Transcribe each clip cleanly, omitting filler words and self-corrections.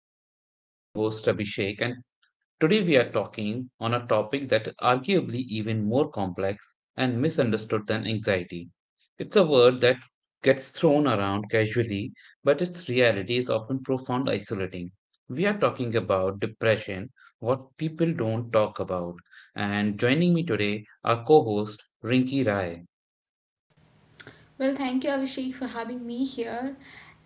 back. I am your host Abhishek, and today we are talking on a topic that arguably even more complex and misunderstood than anxiety. It's a word that gets thrown around casually, but its reality is often profound isolating. We are talking about depression, what people don't talk about. And joining me today, our co-host Rinki Rai. Well, thank you, Abhishek, for having me here.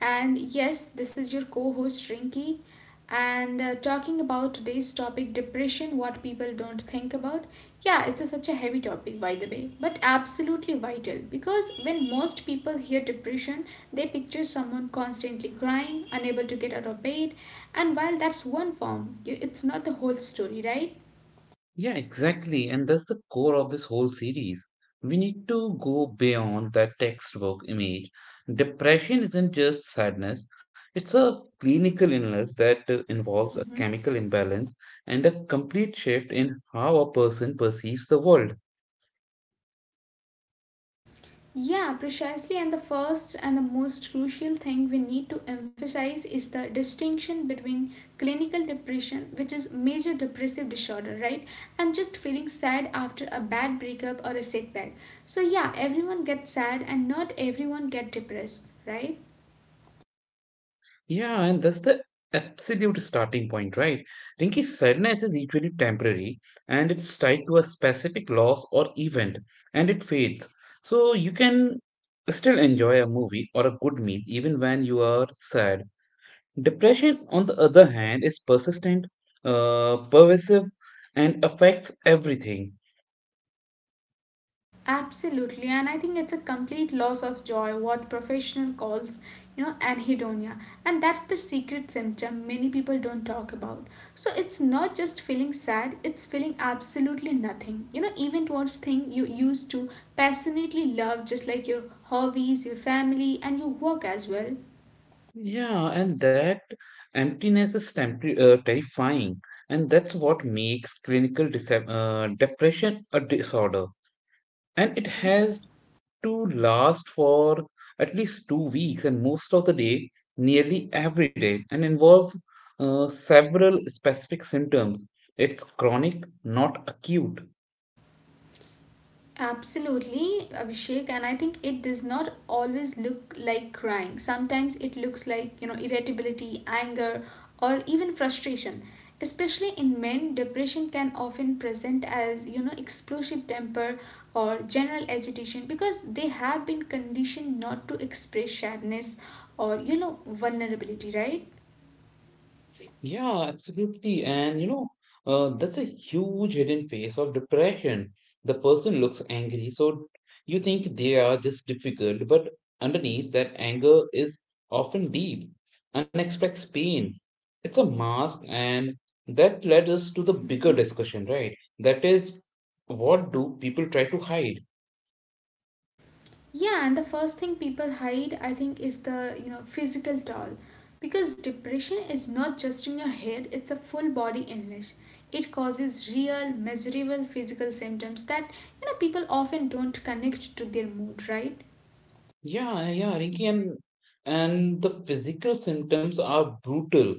And yes, this is your co host, Rinki. And talking about today's topic, depression, what people don't think about. Such a heavy topic, by the way, but absolutely vital because when most people hear depression, they picture someone constantly crying, unable to get out of bed. And while that's one form, it's not the whole story, right? Yeah, exactly. And that's the core of this whole series. We need to go beyond that textbook image. Depression isn't just sadness, it's a clinical illness that involves a Mm-hmm. chemical imbalance and a complete shift in how a person perceives the world. Yeah, precisely. And the first and the most crucial thing we need to emphasize is the distinction between clinical depression, which is major depressive disorder, right? And just feeling sad after a bad breakup or a setback. So, yeah, everyone gets sad and not everyone get depressed, right? Yeah, and that's the absolute starting point, right? Rinky's sadness is equally temporary and it's tied to a specific loss or event and it fades. So you can still enjoy a movie or a good meal even when you are sad. Depression, on the other hand, is persistent, pervasive, and affects everything. Absolutely, and I think it's a complete loss of joy, what professional calls, you know, anhedonia. And that's the secret symptom many people don't talk about. So it's not just feeling sad, it's feeling absolutely nothing. You know, even towards thing you used to passionately love, just like your hobbies, your family, and your work as well. Yeah, and that emptiness is terrifying, and that's what makes clinical depression a disorder. And it Mhm. has to last for at least two weeks, and most of the day, nearly every day, and involves several specific symptoms. It's chronic, not acute. Absolutely, Abhishek, and I think it does not always look like crying. Sometimes it looks like, you know, irritability, anger, or even frustration. Especially in men, depression can often present as, you know, explosive temper or general agitation because they have been conditioned not to express sadness or, you know, vulnerability, right? Yeah, absolutely. And that's a huge hidden face of depression. The person looks angry, so you think they are just difficult, but underneath that anger is often deep, unexpected pain. It's a mask, and that led us to the bigger discussion, right? That is, what do people try to hide? Yeah, and the first thing people hide, I think, is the you know physical toll, because depression is not just in your head; it's a full body illness. It causes real, measurable physical symptoms that you know people often don't connect to their mood, right? Yeah, Rinki, and the physical symptoms are brutal.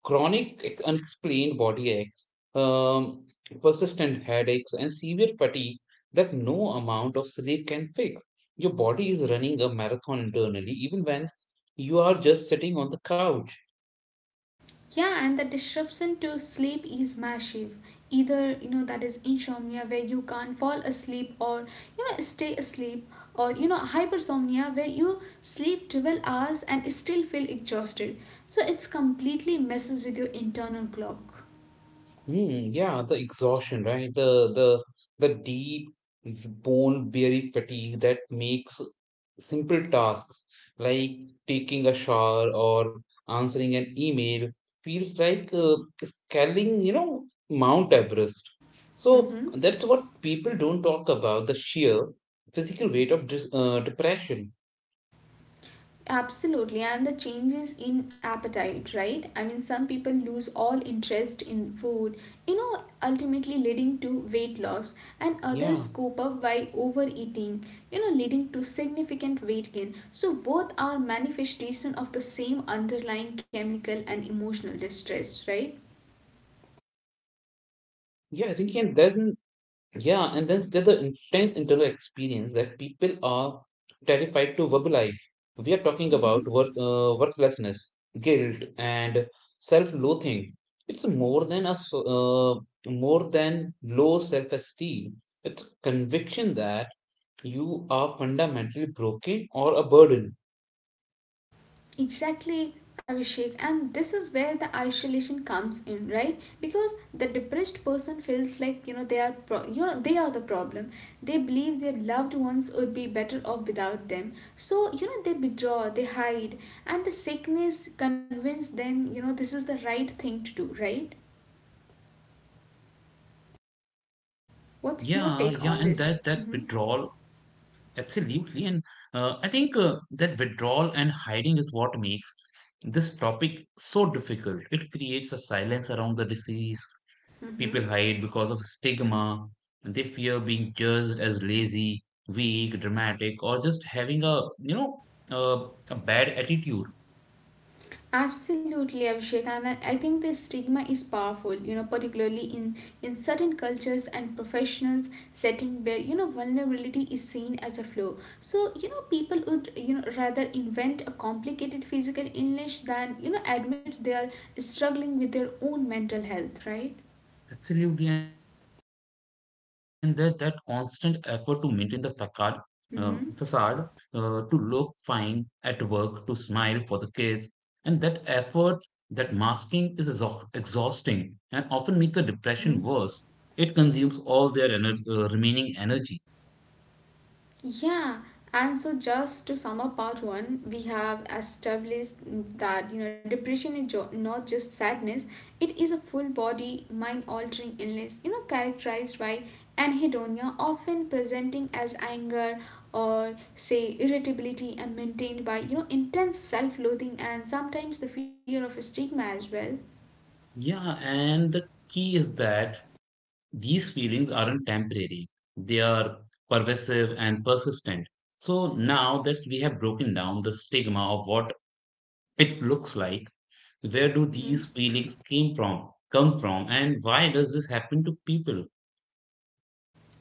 Chronic unexplained body aches, um, persistent headaches, and severe fatigue that no amount of sleep can fix. Your body is running a marathon internally, even when you are just sitting on the couch. Yeah, and the disruption to sleep is massive. Either, you know, that is insomnia where you can't fall asleep or, you know, stay asleep, or, you know, hypersomnia where you sleep 12 hours and still feel exhausted. So it's completely messes with your internal clock. Mm, yeah, the exhaustion, right? The deep bone weary fatigue that makes simple tasks like taking a shower or answering an email feels like scaling, Mount Everest. So Mm-hmm. that's what people don't talk about, the sheer physical weight of dis depression. Absolutely, and the changes in appetite, right? I mean, some people lose all interest in food, you know, ultimately leading to weight loss, and others Yeah, cope up by overeating, you know, leading to significant weight gain. So, both are manifestation of the same underlying chemical and emotional distress, right? yeah, Rinki, and then there's the intense internal experience that people are terrified to verbalize. We are talking about Mm-hmm. Worthlessness, guilt, and self-loathing. It's more than low self-esteem. It's conviction that you are fundamentally broken or a burden. Exactly, Abhishek, and this is where the isolation comes in, right? Because the depressed person feels like you know you know they are the problem. They believe their loved ones would be better off without them. So you know they withdraw, they hide, and the sickness convince them you know this is the right thing to do, right? Yeah, and that What's your that take on withdrawal, this? Mm-hmm. absolutely. And I think that withdrawal and hiding is what makes this topic so difficult. It creates a silence around the disease. Mm-hmm. People hide because of stigma. They fear being judged as lazy, weak, dramatic, or just having a you know a bad attitude. Absolutely, Abhishek, and I think this stigma is powerful. You know, particularly in certain cultures and professionals setting where you know vulnerability is seen as a flaw. So you know people would you know rather invent a complicated physical illness than you know admit they are struggling with their own mental health. Right. Absolutely, and that constant effort to maintain the uh, facade, Mm-hmm. To look fine at work, to smile for the kids, and that effort, that masking is exhausting and often makes the depression Mm-hmm. worse. It consumes all their remaining energy. Yeah, and so just to sum up part one, we have established that you know depression is not just sadness; it is a full-body, mind-altering illness. You know, characterized by anhedonia, often presenting as anger or say irritability, and maintained by you know intense self-loathing and sometimes the fear of stigma as well. Yeah, and the key is that these feelings aren't temporary; they are pervasive and persistent. So now that we have broken down the stigma of what it looks like? Where do Mm-hmm. these feelings came from? Come from, and why does this happen to people?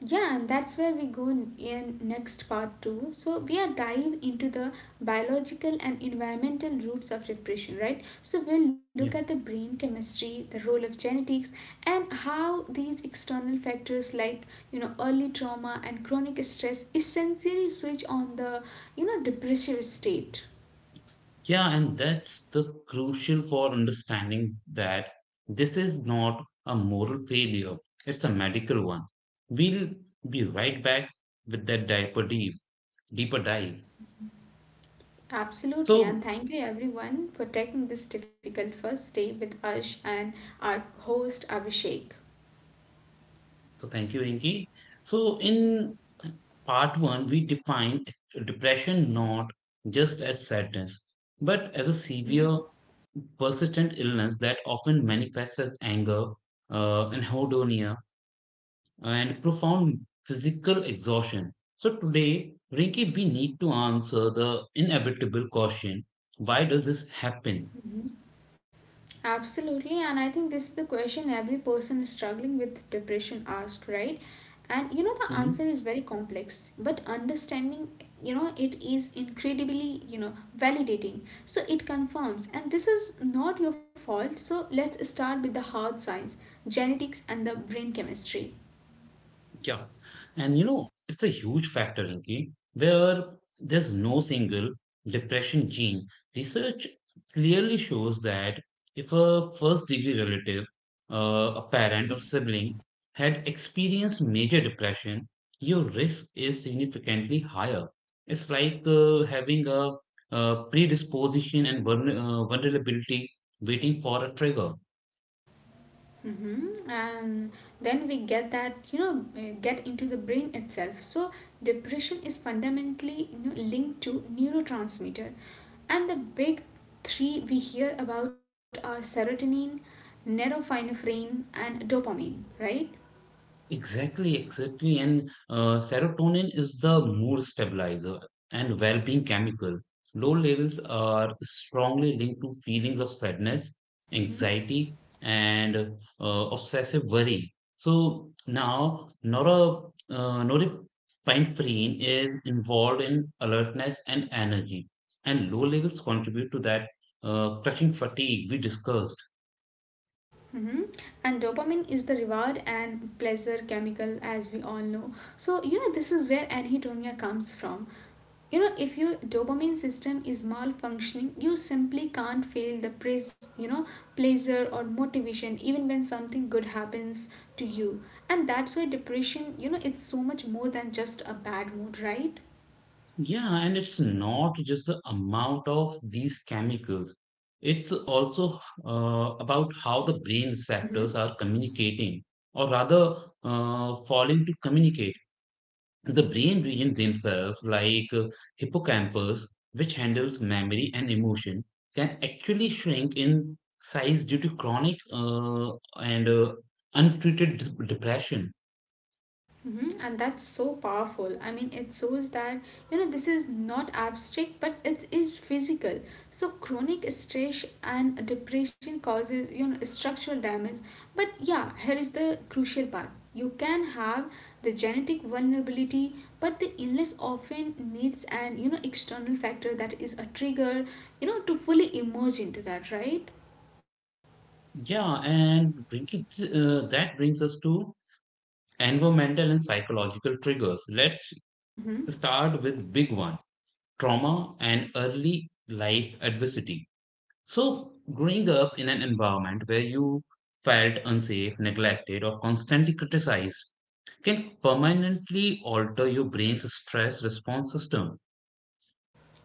Yeah, and that's where we go in next part two. So we are dive into the biological and environmental roots of depression, right? So we'll look at the Yeah, brain chemistry, the role of genetics, and how these external factors like you know early trauma and chronic stress essentially switch on the you know depressive state. yeah, and that's the crucial for understanding that this is not a moral failure; it's a medical one. We'll be right back with that deeper dive. Absolutely, and So thank you everyone for taking this difficult first day with us and our host Abhishek. So thank you, Inki. So in part one, we defined depression not just as sadness, but as a severe Mhm. persistent illness that often manifests as anger, anhedonia, and profound physical exhaustion. So today, Rinki, we need to answer the inevitable question: Why does this happen? Mhm. Absolutely, and I think this is the question every person struggling with depression asked, right? And you know, the answer Mhm. is very complex, but understanding, you know, it is incredibly, you know, validating. So it confirms, and this is not your fault. So let's start with the hard science genetics and the brain chemistry. Yeah. And you know, it's a huge factor, Rinki, where there's no single depression gene. Research clearly shows that if a first degree relative, a parent or sibling, had experienced major depression, your risk is significantly higher. It's like having a predisposition and vulnerability waiting for a trigger. Mm-hmm. And then we get that, you know, get into the brain itself. So depression is fundamentally you know, linked to neurotransmitter. And the big three we hear about are serotonin, norepinephrine, and dopamine, right? Exactly, exactly. And serotonin is the mood stabilizer and well being chemical. Low levels are strongly linked to feelings of sadness, Mm-hmm. anxiety, and obsessive worry. So now, norepinephrine is involved in alertness and energy, and low levels contribute to that crushing fatigue we discussed. Mm-hmm. And dopamine is the reward and pleasure chemical, as we all know. So, you know, this is where anhedonia comes from. You know, if your dopamine system is malfunctioning, you simply can't feel the praise, you know, pleasure or motivation even when something good happens to you. And that's why depression, you know, it's so much more than just a bad mood, right? Yeah, and it's not just the amount of these chemicals. It's also about how the brain receptors are communicating, or rather, falling to communicate. The brain regions themselves, like hippocampus, which handles memory and emotion, can actually shrink in size due to chronic and untreated depression. Hmm. And that's so powerful. I mean, it shows that, you know, this is not abstract, but it is physical. So, chronic stress and depression causes, you know, structural damage. But yeah, here is the crucial part. You can have the genetic vulnerability, but the illness often needs an, you know, external factor that is a trigger, you know, to fully emerge into that, right? Yeah, that brings us to environmental and psychological triggers. Let's Mm-hmm. start with big one trauma and early life adversity. So, growing up in an environment where you felt unsafe, neglected, or constantly criticized can permanently alter your brain's stress response system.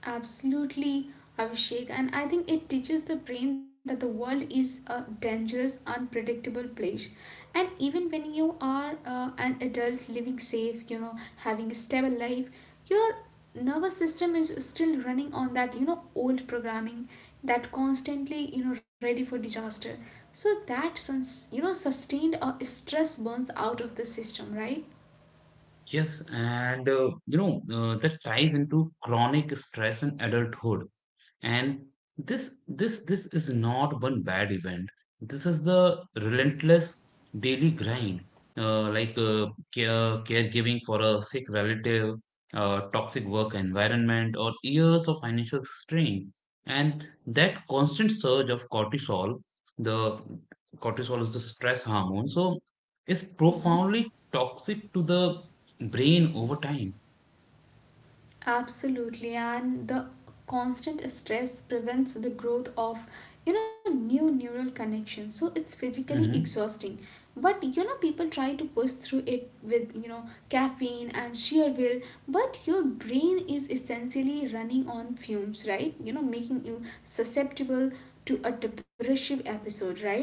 Absolutely, Abhishek. And I think it teaches the brain that the world is a dangerous, unpredictable place. And even when you are an adult living safe, you know, having a stable life, your nervous system is still running on that, you know, old programming that constantly, you know, ready for disaster. So that, you know, sustained stress burns out of the system, right? Yes, and that ties into chronic stress in adulthood. And this is not one bad event. This is the Mm-hmm. relentless daily grind, like caregiving for a sick relative, toxic work environment or years of financial strain. And that constant surge of cortisol, the cortisol is the stress hormone, so is Mm-hmm. profoundly toxic to the brain over time. Absolutely, and the constant stress prevents the growth of you know new neural connections. So it's physically Mhm. exhausting. But you know people try to push through it with you know caffeine and sheer will, but your brain is essentially running on fumes, right? You know, making you susceptible to a depressive episode, right?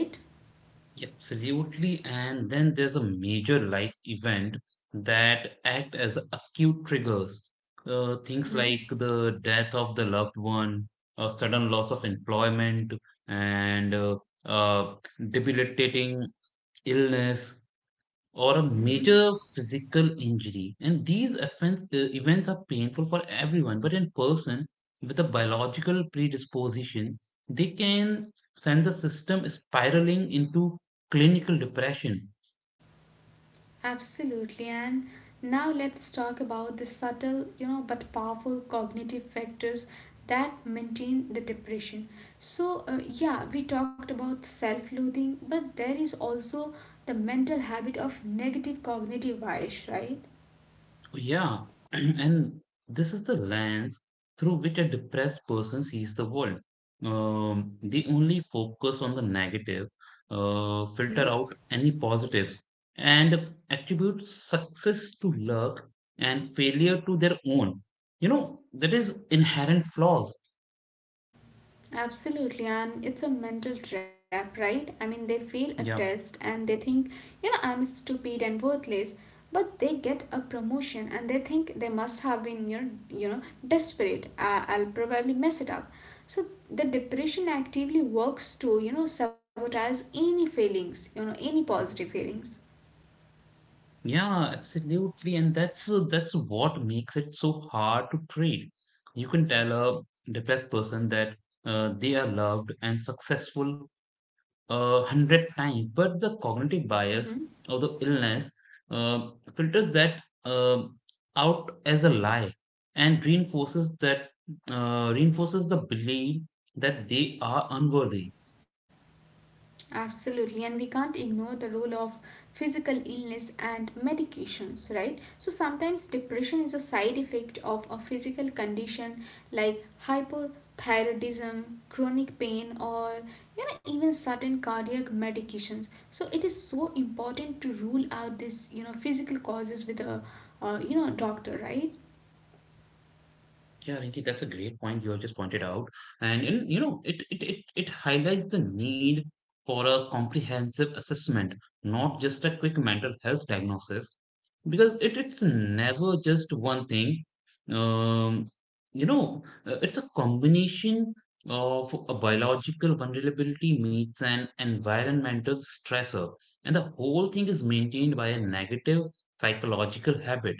Yeah, absolutely. And then there's a major life event that act as acute triggers. Things Mm-hmm. like the death of the loved one, a sudden loss of employment, and uh, debilitating illness or a Mm-hmm. major physical injury. And these events are painful for everyone, but in person with a biological predisposition, they can send the system spiraling into clinical depression. Absolutely. And now let's talk about the subtle, you know, but powerful cognitive factors that maintain the depression. So, yeah, we talked about self loathing, but there is also the mental habit of negative cognitive bias, right? Yeah, and this is the lens through which a depressed person sees the world. They only focus on the negative, filter Mm-hmm. out any positives, and attribute success to luck and failure to their own. You know, that is inherent flaws. Absolutely, and it's a mental trap, right? I mean, they fail a test Yeah. and they think, you know, I'm stupid and worthless, but they get a promotion and they think they must have been, you know, desperate. I'll probably mess it up. So the depression actively works to, you know, sabotage any feelings, you know, any positive feelings. Yeah, absolutely, and that's what makes it so hard to trade. You can tell a depressed person that they are loved and successful 100 times, but the cognitive bias Mm-hmm. of the illness uh, filters that out as a lie and reinforces the belief that they are unworthy. Absolutely, and we can't ignore the role of physical illness and medications, right? So sometimes depression is a side effect of a physical condition like hypothyroidism, chronic pain, or you know, even certain cardiac medications. So it is so important to rule out this, you know, physical causes with a you know doctor, right? Yeah, Rinki, that's a great point you have just pointed out. And in, you know, it highlights the need for a comprehensive assessment, not just a quick mental health diagnosis, because it's never just one thing. Um, it's a combination of a biological vulnerability meets an environmental stressor, and the whole thing is maintained by a negative psychological habit.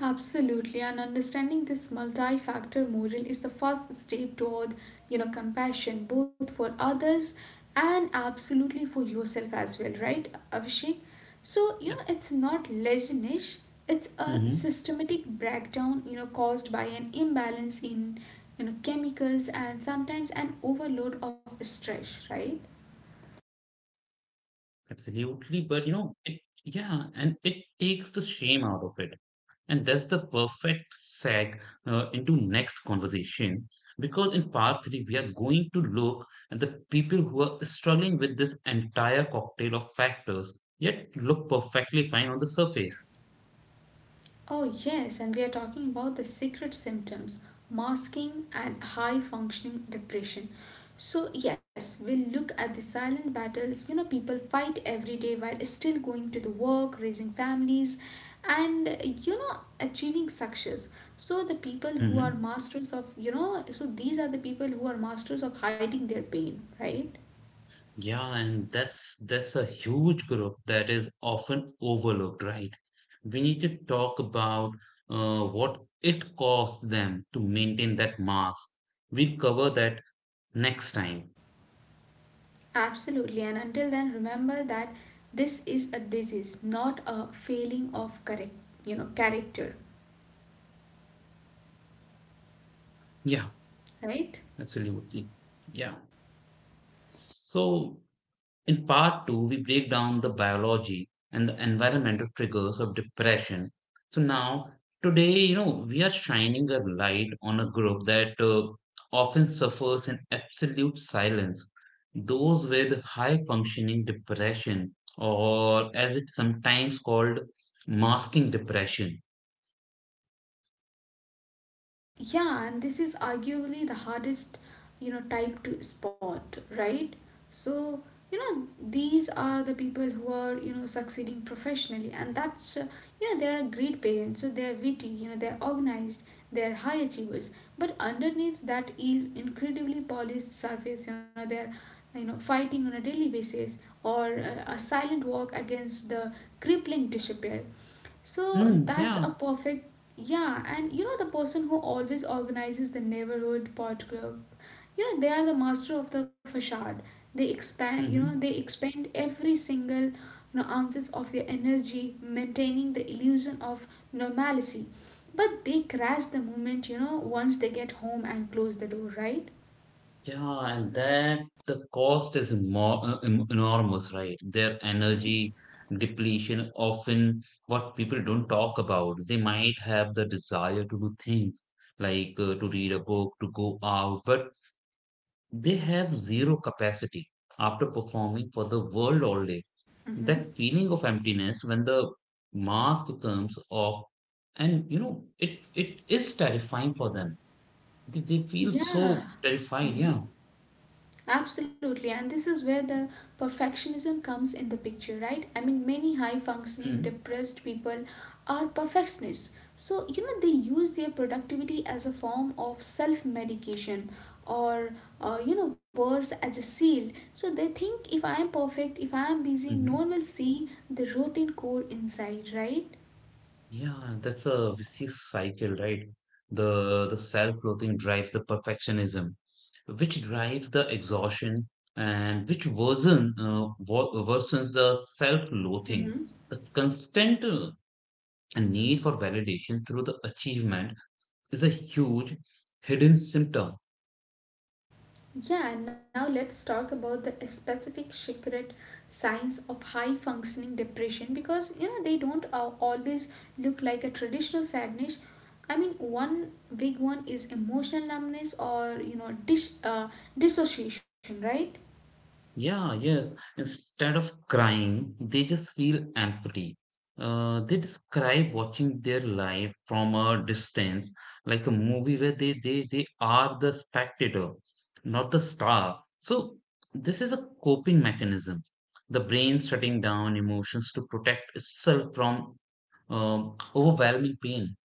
Absolutely, and understanding this multi-factor model is the first step toward, you know, compassion both for others and absolutely for yourself as well, right, Abhishek? So, you Yeah. know, it's not laziness, it's a Mhm. systematic breakdown, you know, caused by an imbalance in, you know, chemicals and sometimes an overload of stress, right? Absolutely, but yeah, and it takes the shame out of it, and that's the perfect seg into next conversation because in part three we are going to look at the people who are struggling with this entire cocktail of factors yet look perfectly fine on the surface. Oh, yes, and we are talking about the secret symptoms masking and high functioning depression. So, yes, we'll look at the silent battles you know people fight every day while still going to the work, raising families, and you know achieving success. So, the people who are masters of you know, so these are the people who are masters of hiding their pain, right? Yeah, and that's a huge group that is often overlooked, right? We need to talk about what it costs them to maintain that mask. We'll cover that next time. Absolutely, and until then, remember that this is a disease, not a failing of correct, you know, character. Yeah, Right? absolutely. Yeah. So in part two, we break down the biology and the environmental triggers of depression. So now, today, you know, we are shining a light on a group that often suffers in absolute silence. Those with high functioning depression, or as it's sometimes called, masking depression. Yeah, and this is arguably the hardest, you know, type to spot, right? So, you know, these are the people who are, you know, succeeding professionally, and that's, you know, they're a great parent, so they're witty, you know, they're organized, they're high achievers. But underneath that is incredibly polished surface, you know, they're, you know, fighting on a daily basis or a silent walk against the crippling disrepair. So Hmm, that's a yeah. perfect, yeah. And you know, the person who always organizes the neighborhood pot club, you know, they are the master of the facade. They Mhm. expend every single, you know, ounces of their energy, maintaining the illusion of normalcy. But they crash the moment, you know, once they get home and close the door, right? Yeah, and that the cost is more, enormous, right? Their Mm-hmm. energy depletion, often what people don't talk about. They might have the desire to do things like to read a book, to go out, but they have zero capacity after performing for the world all day. Mm-hmm. That feeling of emptiness when the mask comes off, and you know, it is terrifying for them. They feel Yeah. so terrified, Mm-hmm. yeah. Absolutely, and this is where the perfectionism comes in the picture, right? I mean, many high Hmm. functioning depressed people are perfectionists. So, you know, they use their productivity as a form of self medication or, you know, worse, as a shield. So, they think if I am perfect, if I am busy, no Mm-hmm. one will see the routine core inside, right? Yeah, that's a vicious cycle, right? The self-loathing drives the perfectionism, which drives the exhaustion, and which worsens the self-loathing. Mm-hmm. The constant need for validation through the achievement is a huge hidden symptom. Yeah, and now let's talk about the specific secret signs of high functioning depression because you know they don't always look like a traditional sadness. I mean, one big one is emotional numbness or dissociation, right? Yeah, yes. Instead of crying, they just feel empty. They describe watching their life from a distance, like a movie where they are the spectator, not the star. So this is a coping mechanism. The brain shutting down emotions to protect itself from overwhelming pain.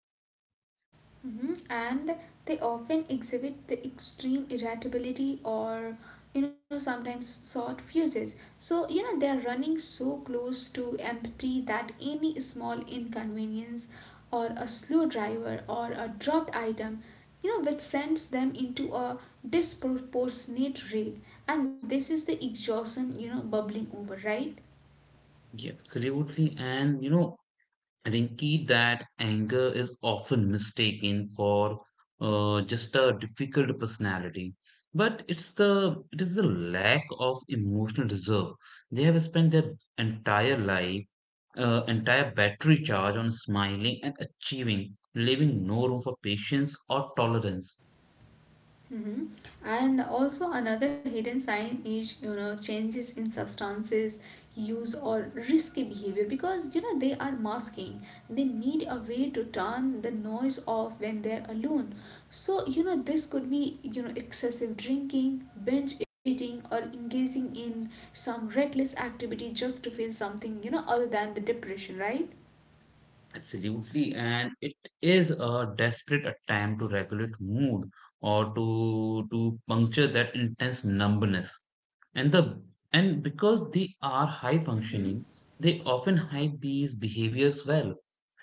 Mhm. And they often exhibit the extreme irritability or sometimes short fuses. So they are running so close to empty that any small inconvenience or a slow driver or a dropped item which sends them into a disproportionate rage, and this is the exhaustion bubbling over, right? Yeah, absolutely. And you know, Rinki, that anger is often mistaken for just a difficult personality, but it is the lack of emotional reserve. They have spent their entire life, entire battery charge on smiling and achieving, leaving no room for patience or tolerance. Mhm. And also another hidden sign is changes in substances use or risky behavior because they are masking. They need a way to turn the noise off when they're alone. So this could be excessive drinking, binge eating, or engaging in some reckless activity just to feel something other than the depression, right? Absolutely, and it is a desperate attempt to regulate mood or to puncture that intense numbness. And the and because they are high Mm-hmm. functioning, they often hide these behaviors well.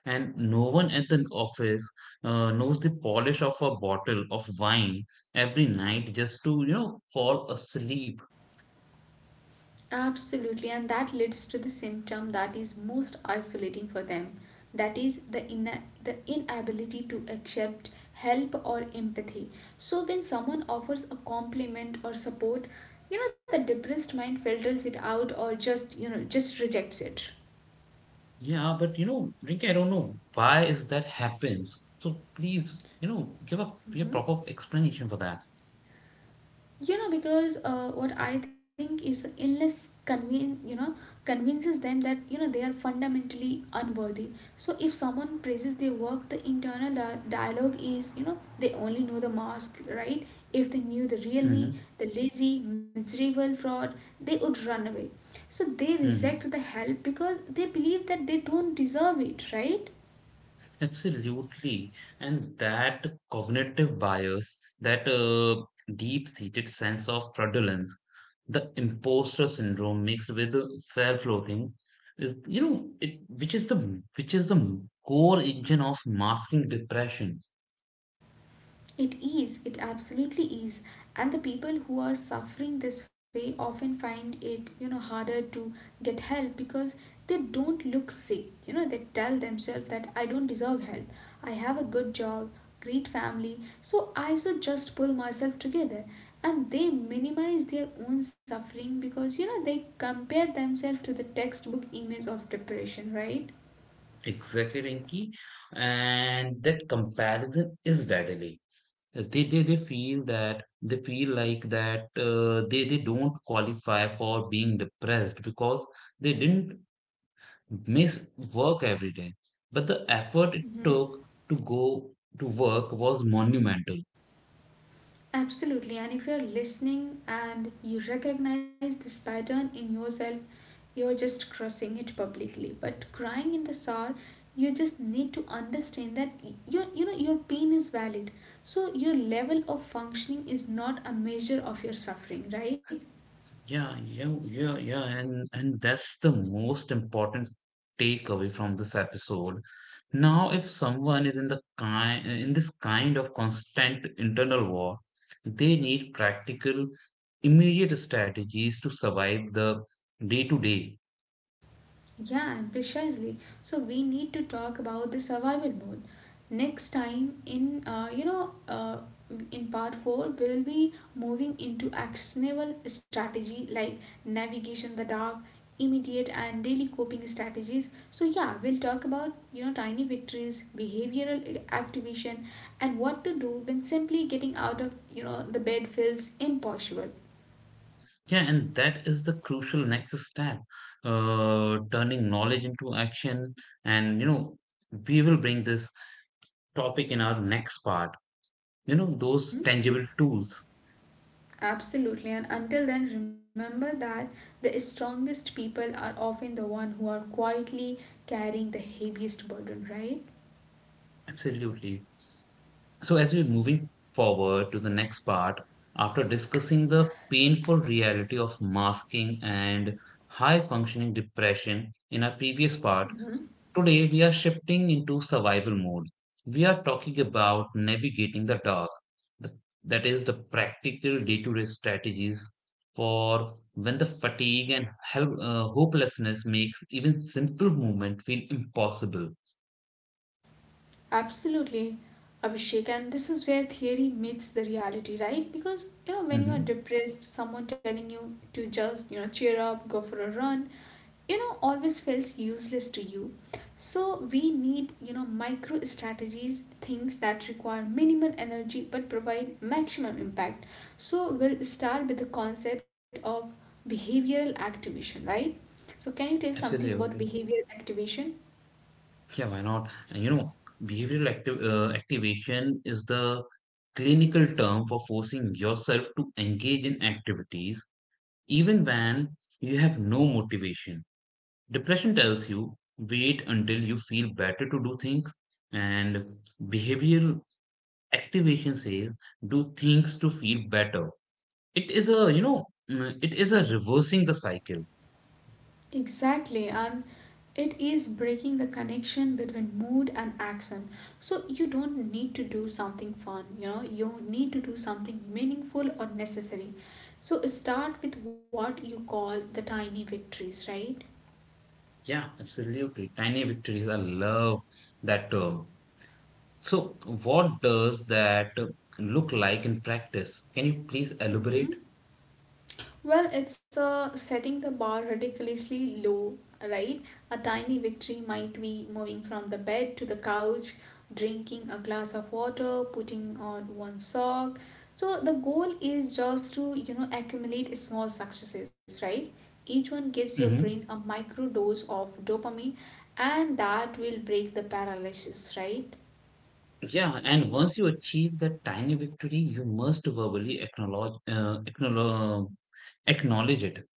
And no one at the office knows the polish of a bottle of wine every night just to, fall asleep. Absolutely, and that leads to the symptom that is most isolating for them. That is the inability to accept help or empathy. So when someone offers a compliment or support, the depressed mind filters it out or just rejects it. Yeah, but you know, Rinky, I don't know why is that happens. So please, give a Mhm. proper explanation for that. you know because What I think is illness convene you know convinces them that they are fundamentally unworthy. So if someone praises their work, the internal dialogue is, they only know the mask, right? If they knew the real me, Hmm. the lazy, miserable fraud, they would run away. So they reject Hmm. the help because they believe that they don't deserve it, right? Absolutely. And that cognitive bias, that deep-seated sense of fraudulence, the imposter syndrome mixed with the self-loathing is, you know, it which is the core engine of masking depression. It is, it absolutely is. And the people who are suffering this way often find it, harder to get help because they don't look sick. You know they tell themselves that I don't deserve help. I have a good job, great family, so I should just pull myself together. And they minimize their own suffering because, they compare themselves to the textbook image of depression, right? Exactly, Rinky. And that comparison is deadly. They feel that they feel like that they don't qualify for being depressed because they didn't miss work every day, but the effort it Mhm. took to go to work was monumental. Absolutely. And if you're listening and you recognize this pattern in yourself, you're just crossing it publicly. But crying in the sour, you just need to understand that your you know your pain is valid. So your level of functioning is not a measure of your suffering, right? Yeah, yeah, yeah, yeah, and that's the most important takeaway from this episode. Now, if someone is in the kind in this kind of constant internal war, they need practical, immediate strategies to survive the day to day. Yeah, and precisely. So we need to talk about the survival mode. Next time in in part 4 we will be moving into actionable strategy like navigation in the dark, immediate and daily coping strategies. So yeah, we'll talk about tiny victories, behavioral activation, and what to do when simply getting out of the bed feels impossible. Yeah, and that is the crucial next step, turning knowledge into action. And you know, we will bring this topic in our next part. You know, those Mhm. tangible tools. Absolutely, and until then, remember that the strongest people are often the one who are quietly carrying the heaviest burden, right? Absolutely. So, as we're moving forward to the next part, after discussing the painful reality of masking and high functioning depression in our previous part, Mhm. today we are shifting into survival mode. We are talking about navigating the dark, the- that is, the practical day to day strategies for when the fatigue and hopelessness makes even simple movement feel impossible. Absolutely, Abhishek. And this is where theory meets the reality, right? Because, you know, when you are Mhm. depressed, someone telling you to just, you know, cheer up, go for a run, you know, always feels useless to you. So we need, you know, micro strategies, things that require minimal energy but provide maximum impact. So we'll start with the concept of behavioral activation, right? So can you tell something about Absolutely. behavioral activation? Yeah, why not? And you know, behavioral activ activation is the clinical term for forcing yourself to engage in activities even when you have no motivation. Depression tells you wait until you feel better to do things, and behavioral activation says do things to feel better. It is a, you know, it is a reversing the cycle. Exactly, and it is breaking the connection between mood and action. So you don't need to do something fun, you know, you need to do something meaningful or necessary. So start with what you call the tiny victories, right? Yeah, absolutely. Tiny victories. I love that term. So, what does that look like in practice? Can you please Mm-hmm. elaborate? Well, it's a setting the bar ridiculously low, right? A tiny victory might be moving from the bed to the couch, drinking a glass of water, putting on one sock. So the goal is just to, you know, accumulate small successes, right? Each one gives your brain a Hmm. micro dose of dopamine, and that will break the paralysis, right? Yeah, and once you achieve that tiny victory, you must verbally acknowledge it.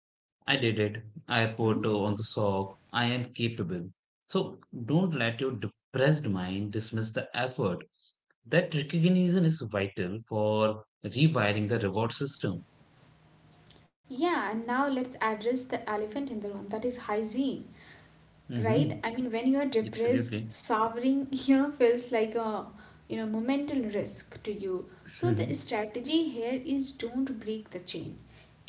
I did it. I put Mm-hmm. On the sock. I am capable. So don't let your depressed mind dismiss the effort. That recognition is vital for rewiring the reward system. Yeah, and now let's address the elephant in the room, that is hygiene. Right, Hmm. I mean when you're depressed Absolutely. sovereign feels like a momental risk to you. So the strategy here is, don't break the chain.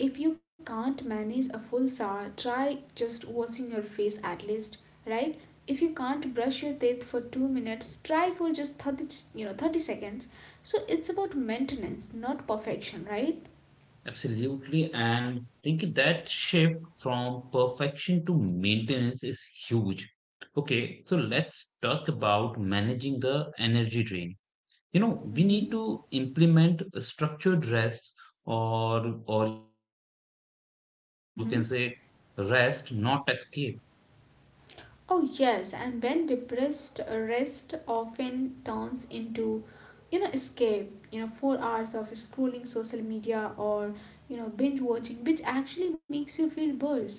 If you can't manage a full shower, try just washing your face at least, right? If you can't brush your teeth for 2 minutes, try for just 30, 30 seconds. So it's about maintenance, not perfection, right? Absolutely. And think that shift from perfection to maintenance is huge. Okay, so let's talk about managing the energy drain. You know, we need Mm-hmm. to implement structured rests, or you can say rest, not Mm-hmm. escape. Oh, yes, and when depressed, rest often turns into, you know, escape, you know, 4 hours of scrolling social media or, you know, binge watching, which actually makes you feel worse,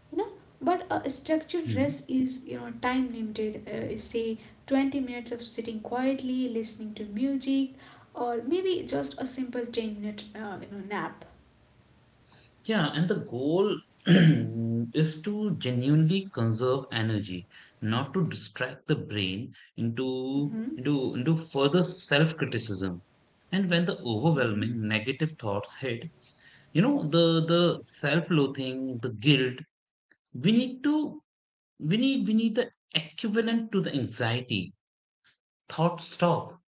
you know. But a structured Hmm. rest is, you know, time limited, say 20 minutes of sitting quietly, listening to music, or maybe just a simple 10 minute, nap. Yeah, and the goal is to genuinely conserve energy, not to distract the brain into Mm-hmm. into into further self-criticism. And when the Mm-hmm. overwhelming negative thoughts hit, you know, the self-loathing, the guilt, we need to we need the equivalent to the anxiety. Thought stop.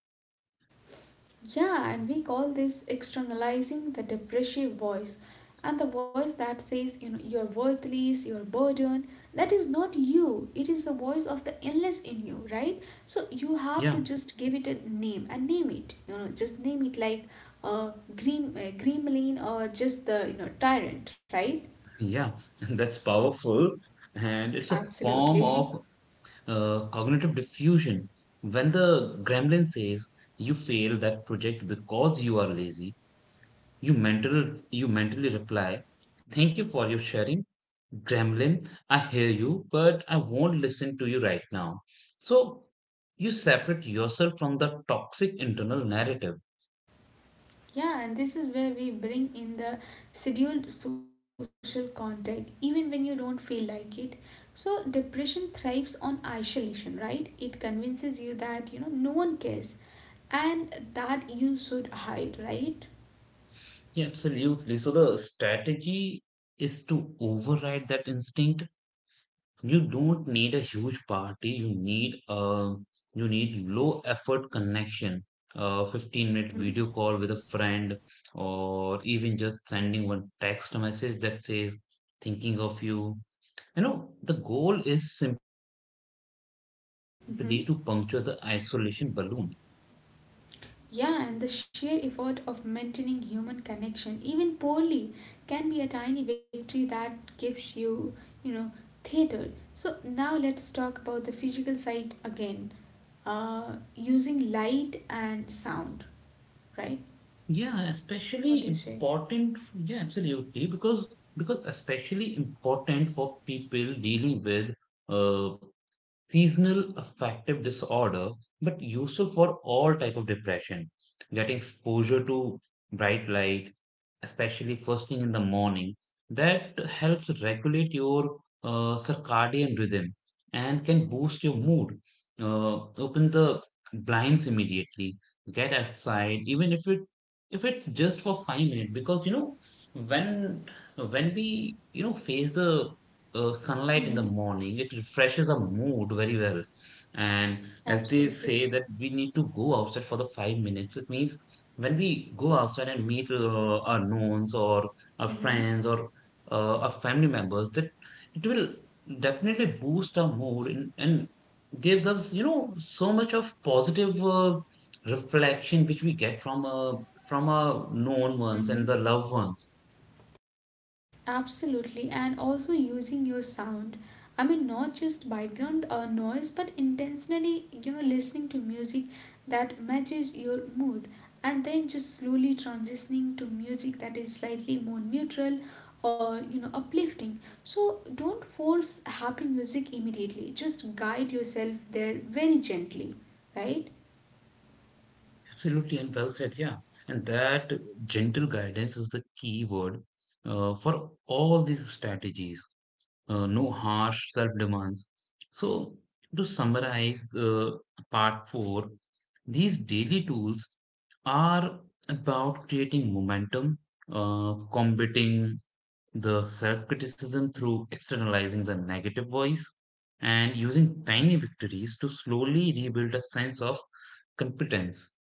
Yeah, and we call this externalizing the depressive voice. And the voice that says, you know, you're worthless, you're burdened, that is not you. It is the voice of the illness in you, right? So you have Yeah, to just give it a name and name it. You know, just name it like green, gremlin, or just the, you know, tyrant, right? yeah, that's powerful. And it's a form Absolutely. of cognitive diffusion. When the gremlin says you failed that project because you are lazy, you mentally reply, "Thank you for your sharing, gremlin. I hear you, but I won't listen to you right now." So you separate yourself from the toxic internal narrative. Yeah, and this is where we bring in the scheduled social contact, even when you don't feel like it. So, depression thrives on isolation, right? It convinces you that, you know, no one cares and that you should hide, right? Yeah, absolutely. So the strategy is to override that instinct. You don't need a huge party. You need a you need low effort connection. A 15-minute Mm-hmm. video call with a friend, or even just sending one text message that says "thinking of you." You know, the goal is simply to puncture the isolation Mm-hmm. balloon. Yeah, and the sheer effort of maintaining human connection, even poorly, can be a tiny victory that gives you, you know, theater. So, now let's talk about the physical side again. Using light and sound, right? Yeah, especially What do you say? important. Yeah, absolutely. Because especially important for people dealing with Uh, seasonal affective disorder, but useful for all type of depression. Getting exposure to bright light, especially first thing in the morning, that helps regulate your circadian rhythm and can boost your mood. uh, Open the blinds immediately, get outside even if it's just for 5 minutes, because you know when we you know face the sunlight in Mm-hmm. the morning, it refreshes our mood very well. And as they Absolutely. say that we need to go outside for the 5 minutes, it means when we go outside and meet our knowns or our Mm-hmm. friends or our family members, that it will definitely boost our mood, and gives us you know so much of positive reflection which we get from our known ones and Mm-hmm. the loved ones. Absolutely, and also using your sound. I mean, not just background noise, but intentionally, you know, listening to music that matches your mood, and then just slowly transitioning to music that is slightly more neutral or uplifting. So don't force happy music immediately. Just guide yourself there very gently, right? Absolutely, and well said. Yeah, and that gentle guidance is the key word for all these strategies. No harsh self demands. So, to summarize part four, these daily tools are about creating momentum, combating the self criticism through externalizing the negative voice, and using tiny victories to slowly rebuild a sense of competence.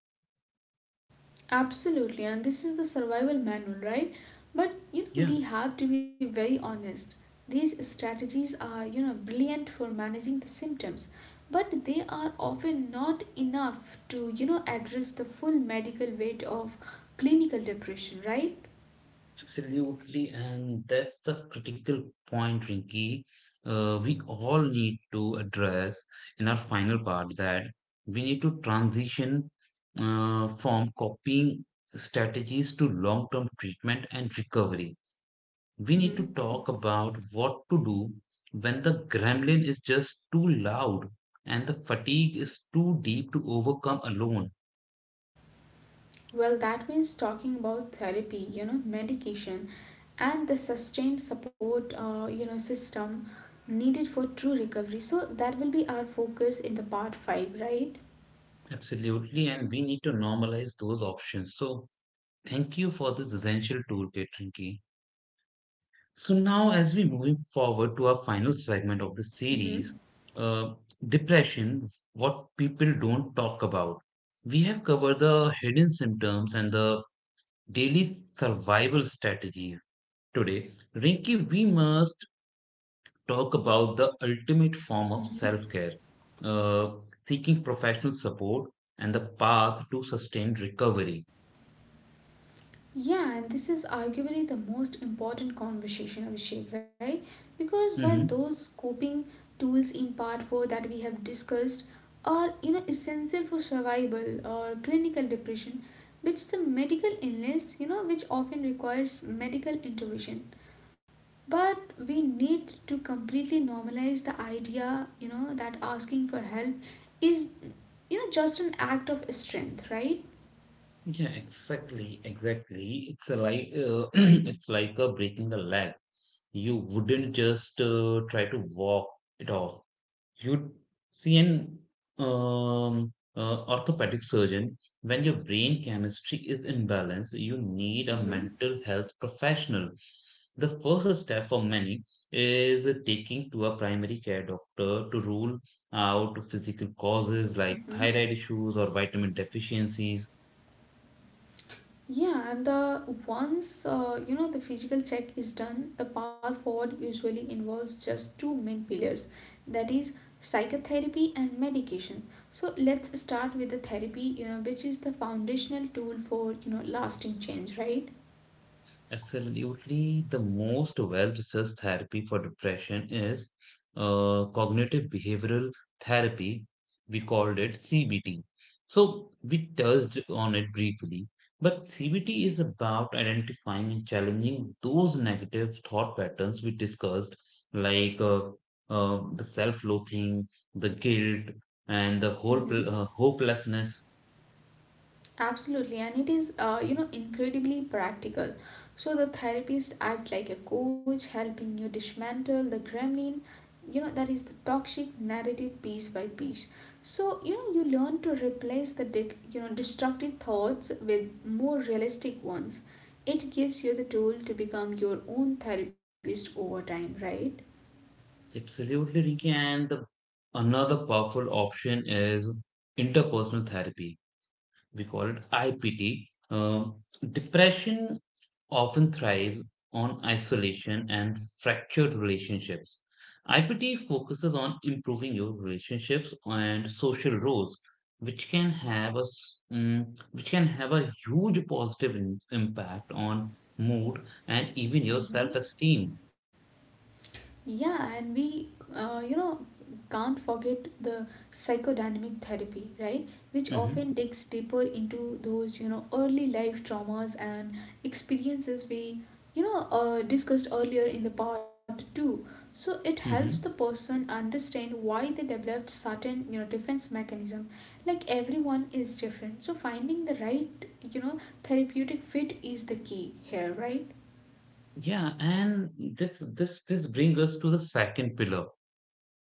Absolutely, and this is the survival manual, right? But you know, Yeah. we have to be very honest. These strategies are, you know, brilliant for managing the symptoms, but they are often not enough to, you know, address the full medical weight of clinical depression, right? Absolutely, and that's the critical point, Rinky. We all need to address in our final part that we need to transition from copying strategies to long term treatment and recovery. We need to Mm-hmm. talk about what to do when the gremlin is just too loud and the fatigue is too deep to overcome alone. Well, that means talking about therapy, you know, medication, and the sustained support, system needed for true recovery. So that will be our focus in the part 5, right? Absolutely, and we need to normalize those options. So, thank you for this essential toolkit, Rinki. So now, as we move forward to our final segment of the series, Mm-hmm. uh, depression, what people don't talk about. We have covered the hidden symptoms and the daily survival strategies. Today, Rinki, we must talk about the ultimate form of Mm-hmm. self-care, uh, seeking professional support and the path to sustained recovery. Yeah, and this is arguably the most important conversation, Abhishek, right? Because while Mhm. those coping tools in part 4 that we have discussed are, you know, essential for survival or clinical depression, which is a medical illness, you know, which often requires medical intervention. But we need to completely normalize the idea, you know, that asking for help is, you know, just an act of strength, right? Yeah, exactly. It's a like it's like a breaking a leg. You wouldn't just try to walk it off. You'd see an orthopedic surgeon. When your brain chemistry is imbalanced, you need a Mm-hmm. mental health professional. The first step for many is taking to a primary care doctor to rule out physical causes like thyroid issues or vitamin deficiencies. Yeah, and the once the physical check is done, the path forward usually involves just two main pillars, that is psychotherapy and medication. So let's start with the therapy, you know, which is the foundational tool for lasting change, right? Absolutely, the most well-researched therapy for depression is cognitive behavioral therapy. We called it CBT. So we touched on it briefly, but CBT is about identifying and challenging those negative thought patterns we discussed, like the self-loathing, the guilt, and the whole Mm-hmm. Hopelessness. Absolutely, and it is incredibly practical. So the therapist act like a coach, helping you dismantle the gremlin, you know, that is the toxic narrative piece by piece. So you know you learn to replace the destructive thoughts with more realistic ones. It gives you the tool to become your own therapist over time, right? Absolutely, Ricky. And another powerful option is interpersonal therapy. We call it IPT. Um, depression often thrives on isolation and fractured relationships. IPT focuses on improving your relationships and social roles, which can have which can have a huge positive impact on mood and even your Mm-hmm. self-esteem. Yeah, and uh, you know, can't forget the psychodynamic therapy, right? Which often Hmm. digs deeper into those, you know, early life traumas and experiences discussed earlier in the part too. So it helps the Hmm. person understand why they developed certain, you know, defense mechanism. Like everyone is different, so finding the right, you know, therapeutic fit is the key here, right? Yeah, and this brings us to the second pillar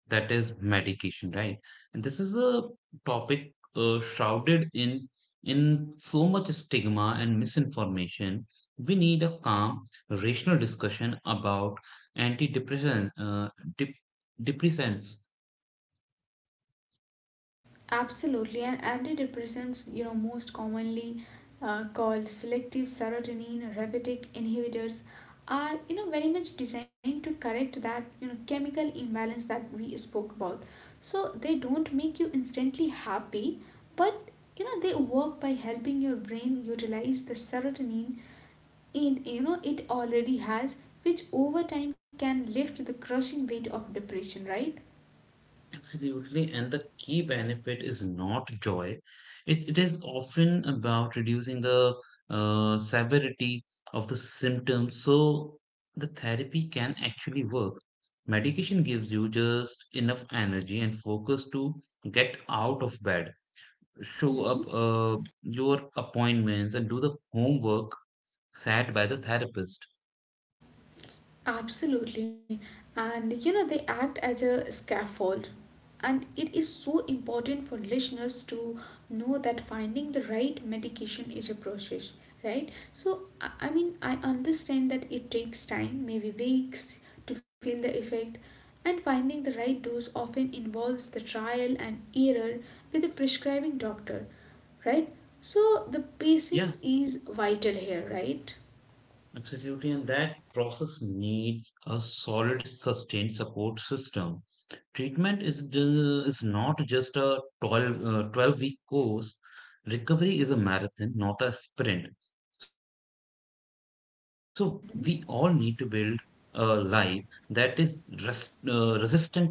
that is medication, right? And this is a topic shrouded in so much stigma and misinformation. We need a calm, rational discussion about antidepressant uh, dep- depressants. Absolutely, and antidepressants, you know, most commonly called selective serotonin reuptake inhibitors, are very much designed to correct that chemical imbalance that we spoke about. So they don't make you instantly happy, but they work by helping your brain utilize the serotonin in you know it already has, which over time can lift the crushing weight of depression. Right. Absolutely, and the key benefit is not joy. It is often about reducing the severity of the symptoms so the therapy can actually work. Medication gives you just enough energy and focus to get out of bed, show up Mhm. Your appointments, and do the homework set by the therapist. Absolutely. And you know, they act as a scaffold. And it is so important for listeners to know that finding the right medication is a process, right? So, I mean, I understand that it takes time, maybe weeks, to feel the effect. And finding the right dose often involves the trial and error with the prescribing doctor, right? So, the Yeah, patience is vital here, right? absolutely, and that process needs a solid, sustained support system. Treatment is is not just a 12-week course. Recovery is a marathon, not a sprint. So we all need to build a Mm-hmm. life that is resistant to relapse, right?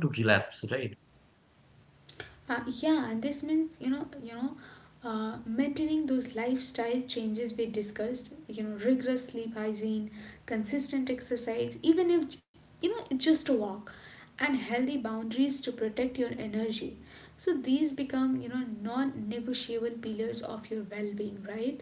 Yeah, and this means maintaining those lifestyle changes we discussed. You know, rigorous sleep hygiene, consistent exercise, even if j- you know it's just a walk, and healthy boundaries to protect your energy. So these become non-negotiable pillars of your well-being, right?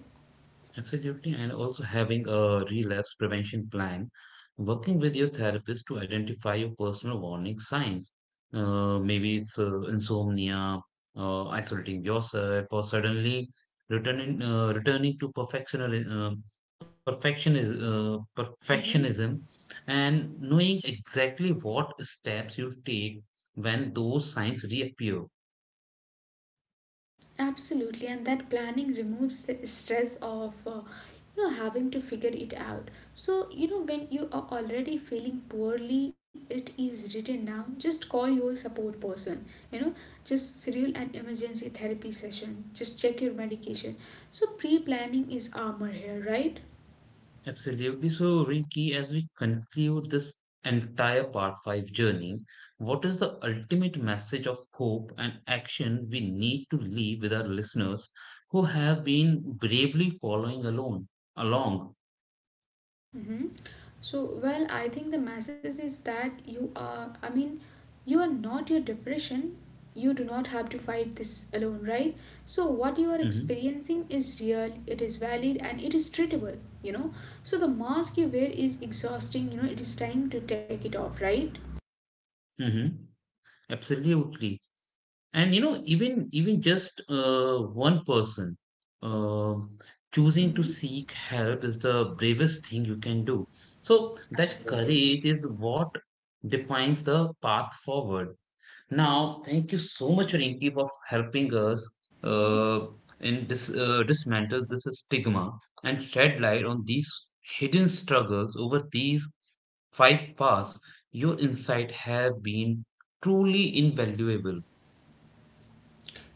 Absolutely. And also having a relapse prevention plan, working with your therapist to identify your personal warning signs. Maybe it's insomnia, isolating yourself, or suddenly returning to Mm-hmm. perfectionism, and knowing exactly what steps you take when those signs reappear. Absolutely, and that planning removes the stress of having to figure it out. So you know when you are already feeling poorly, it is written down. Just call your support person. You know, just schedule an emergency therapy session. Just check your medication. So pre-planning is armor here, right? Absolutely. So, Rinki, as we conclude this entire part 5 journey, what is the ultimate message of hope and action we need to leave with our listeners who have been bravely following alone along? Mm-hmm. So, well, I think the message is that I mean, you are not your depression. You do not have to fight this alone, right? So, what you are Hmm. experiencing is real, it is valid, and it is treatable, you know. So, the mask you wear is exhausting, you know, it is time to take it off, right? Hmm. Absolutely. And you know, even just one person um choosing to Mm-hmm. seek help is the bravest thing you can do. So that Absolutely. courage is what defines the path forward. Now thank you so much, Rinki, for helping us Mm-hmm. uh, in dismantle this stigma and shed light on these hidden struggles. Over these 5 paths, your insight have been truly invaluable.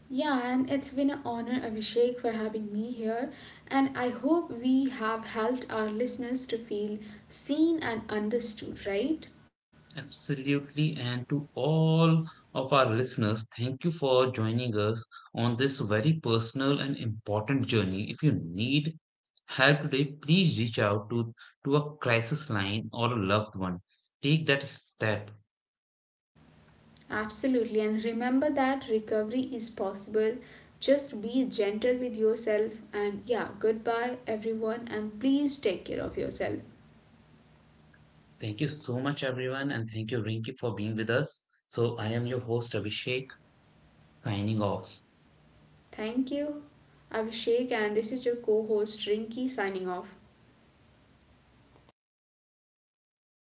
Yeah, and it's been an honor, Abhishek, for having me here. And I hope we have helped our listeners to feel seen and understood, right? Absolutely. And to all of our listeners, thank you for joining us on this very personal and important journey. If you need help today, please reach out to a crisis line or a loved one. Take that step. Absolutely. And remember that recovery is possible. Just be gentle with yourself. And yeah, goodbye, everyone. And please take care of yourself. Thank you so much, everyone. And thank you, Rinki, for being with us. So I am your host, Abhishek, signing off. Thank you, Abhishek. And this is your co host, Rinki, signing off.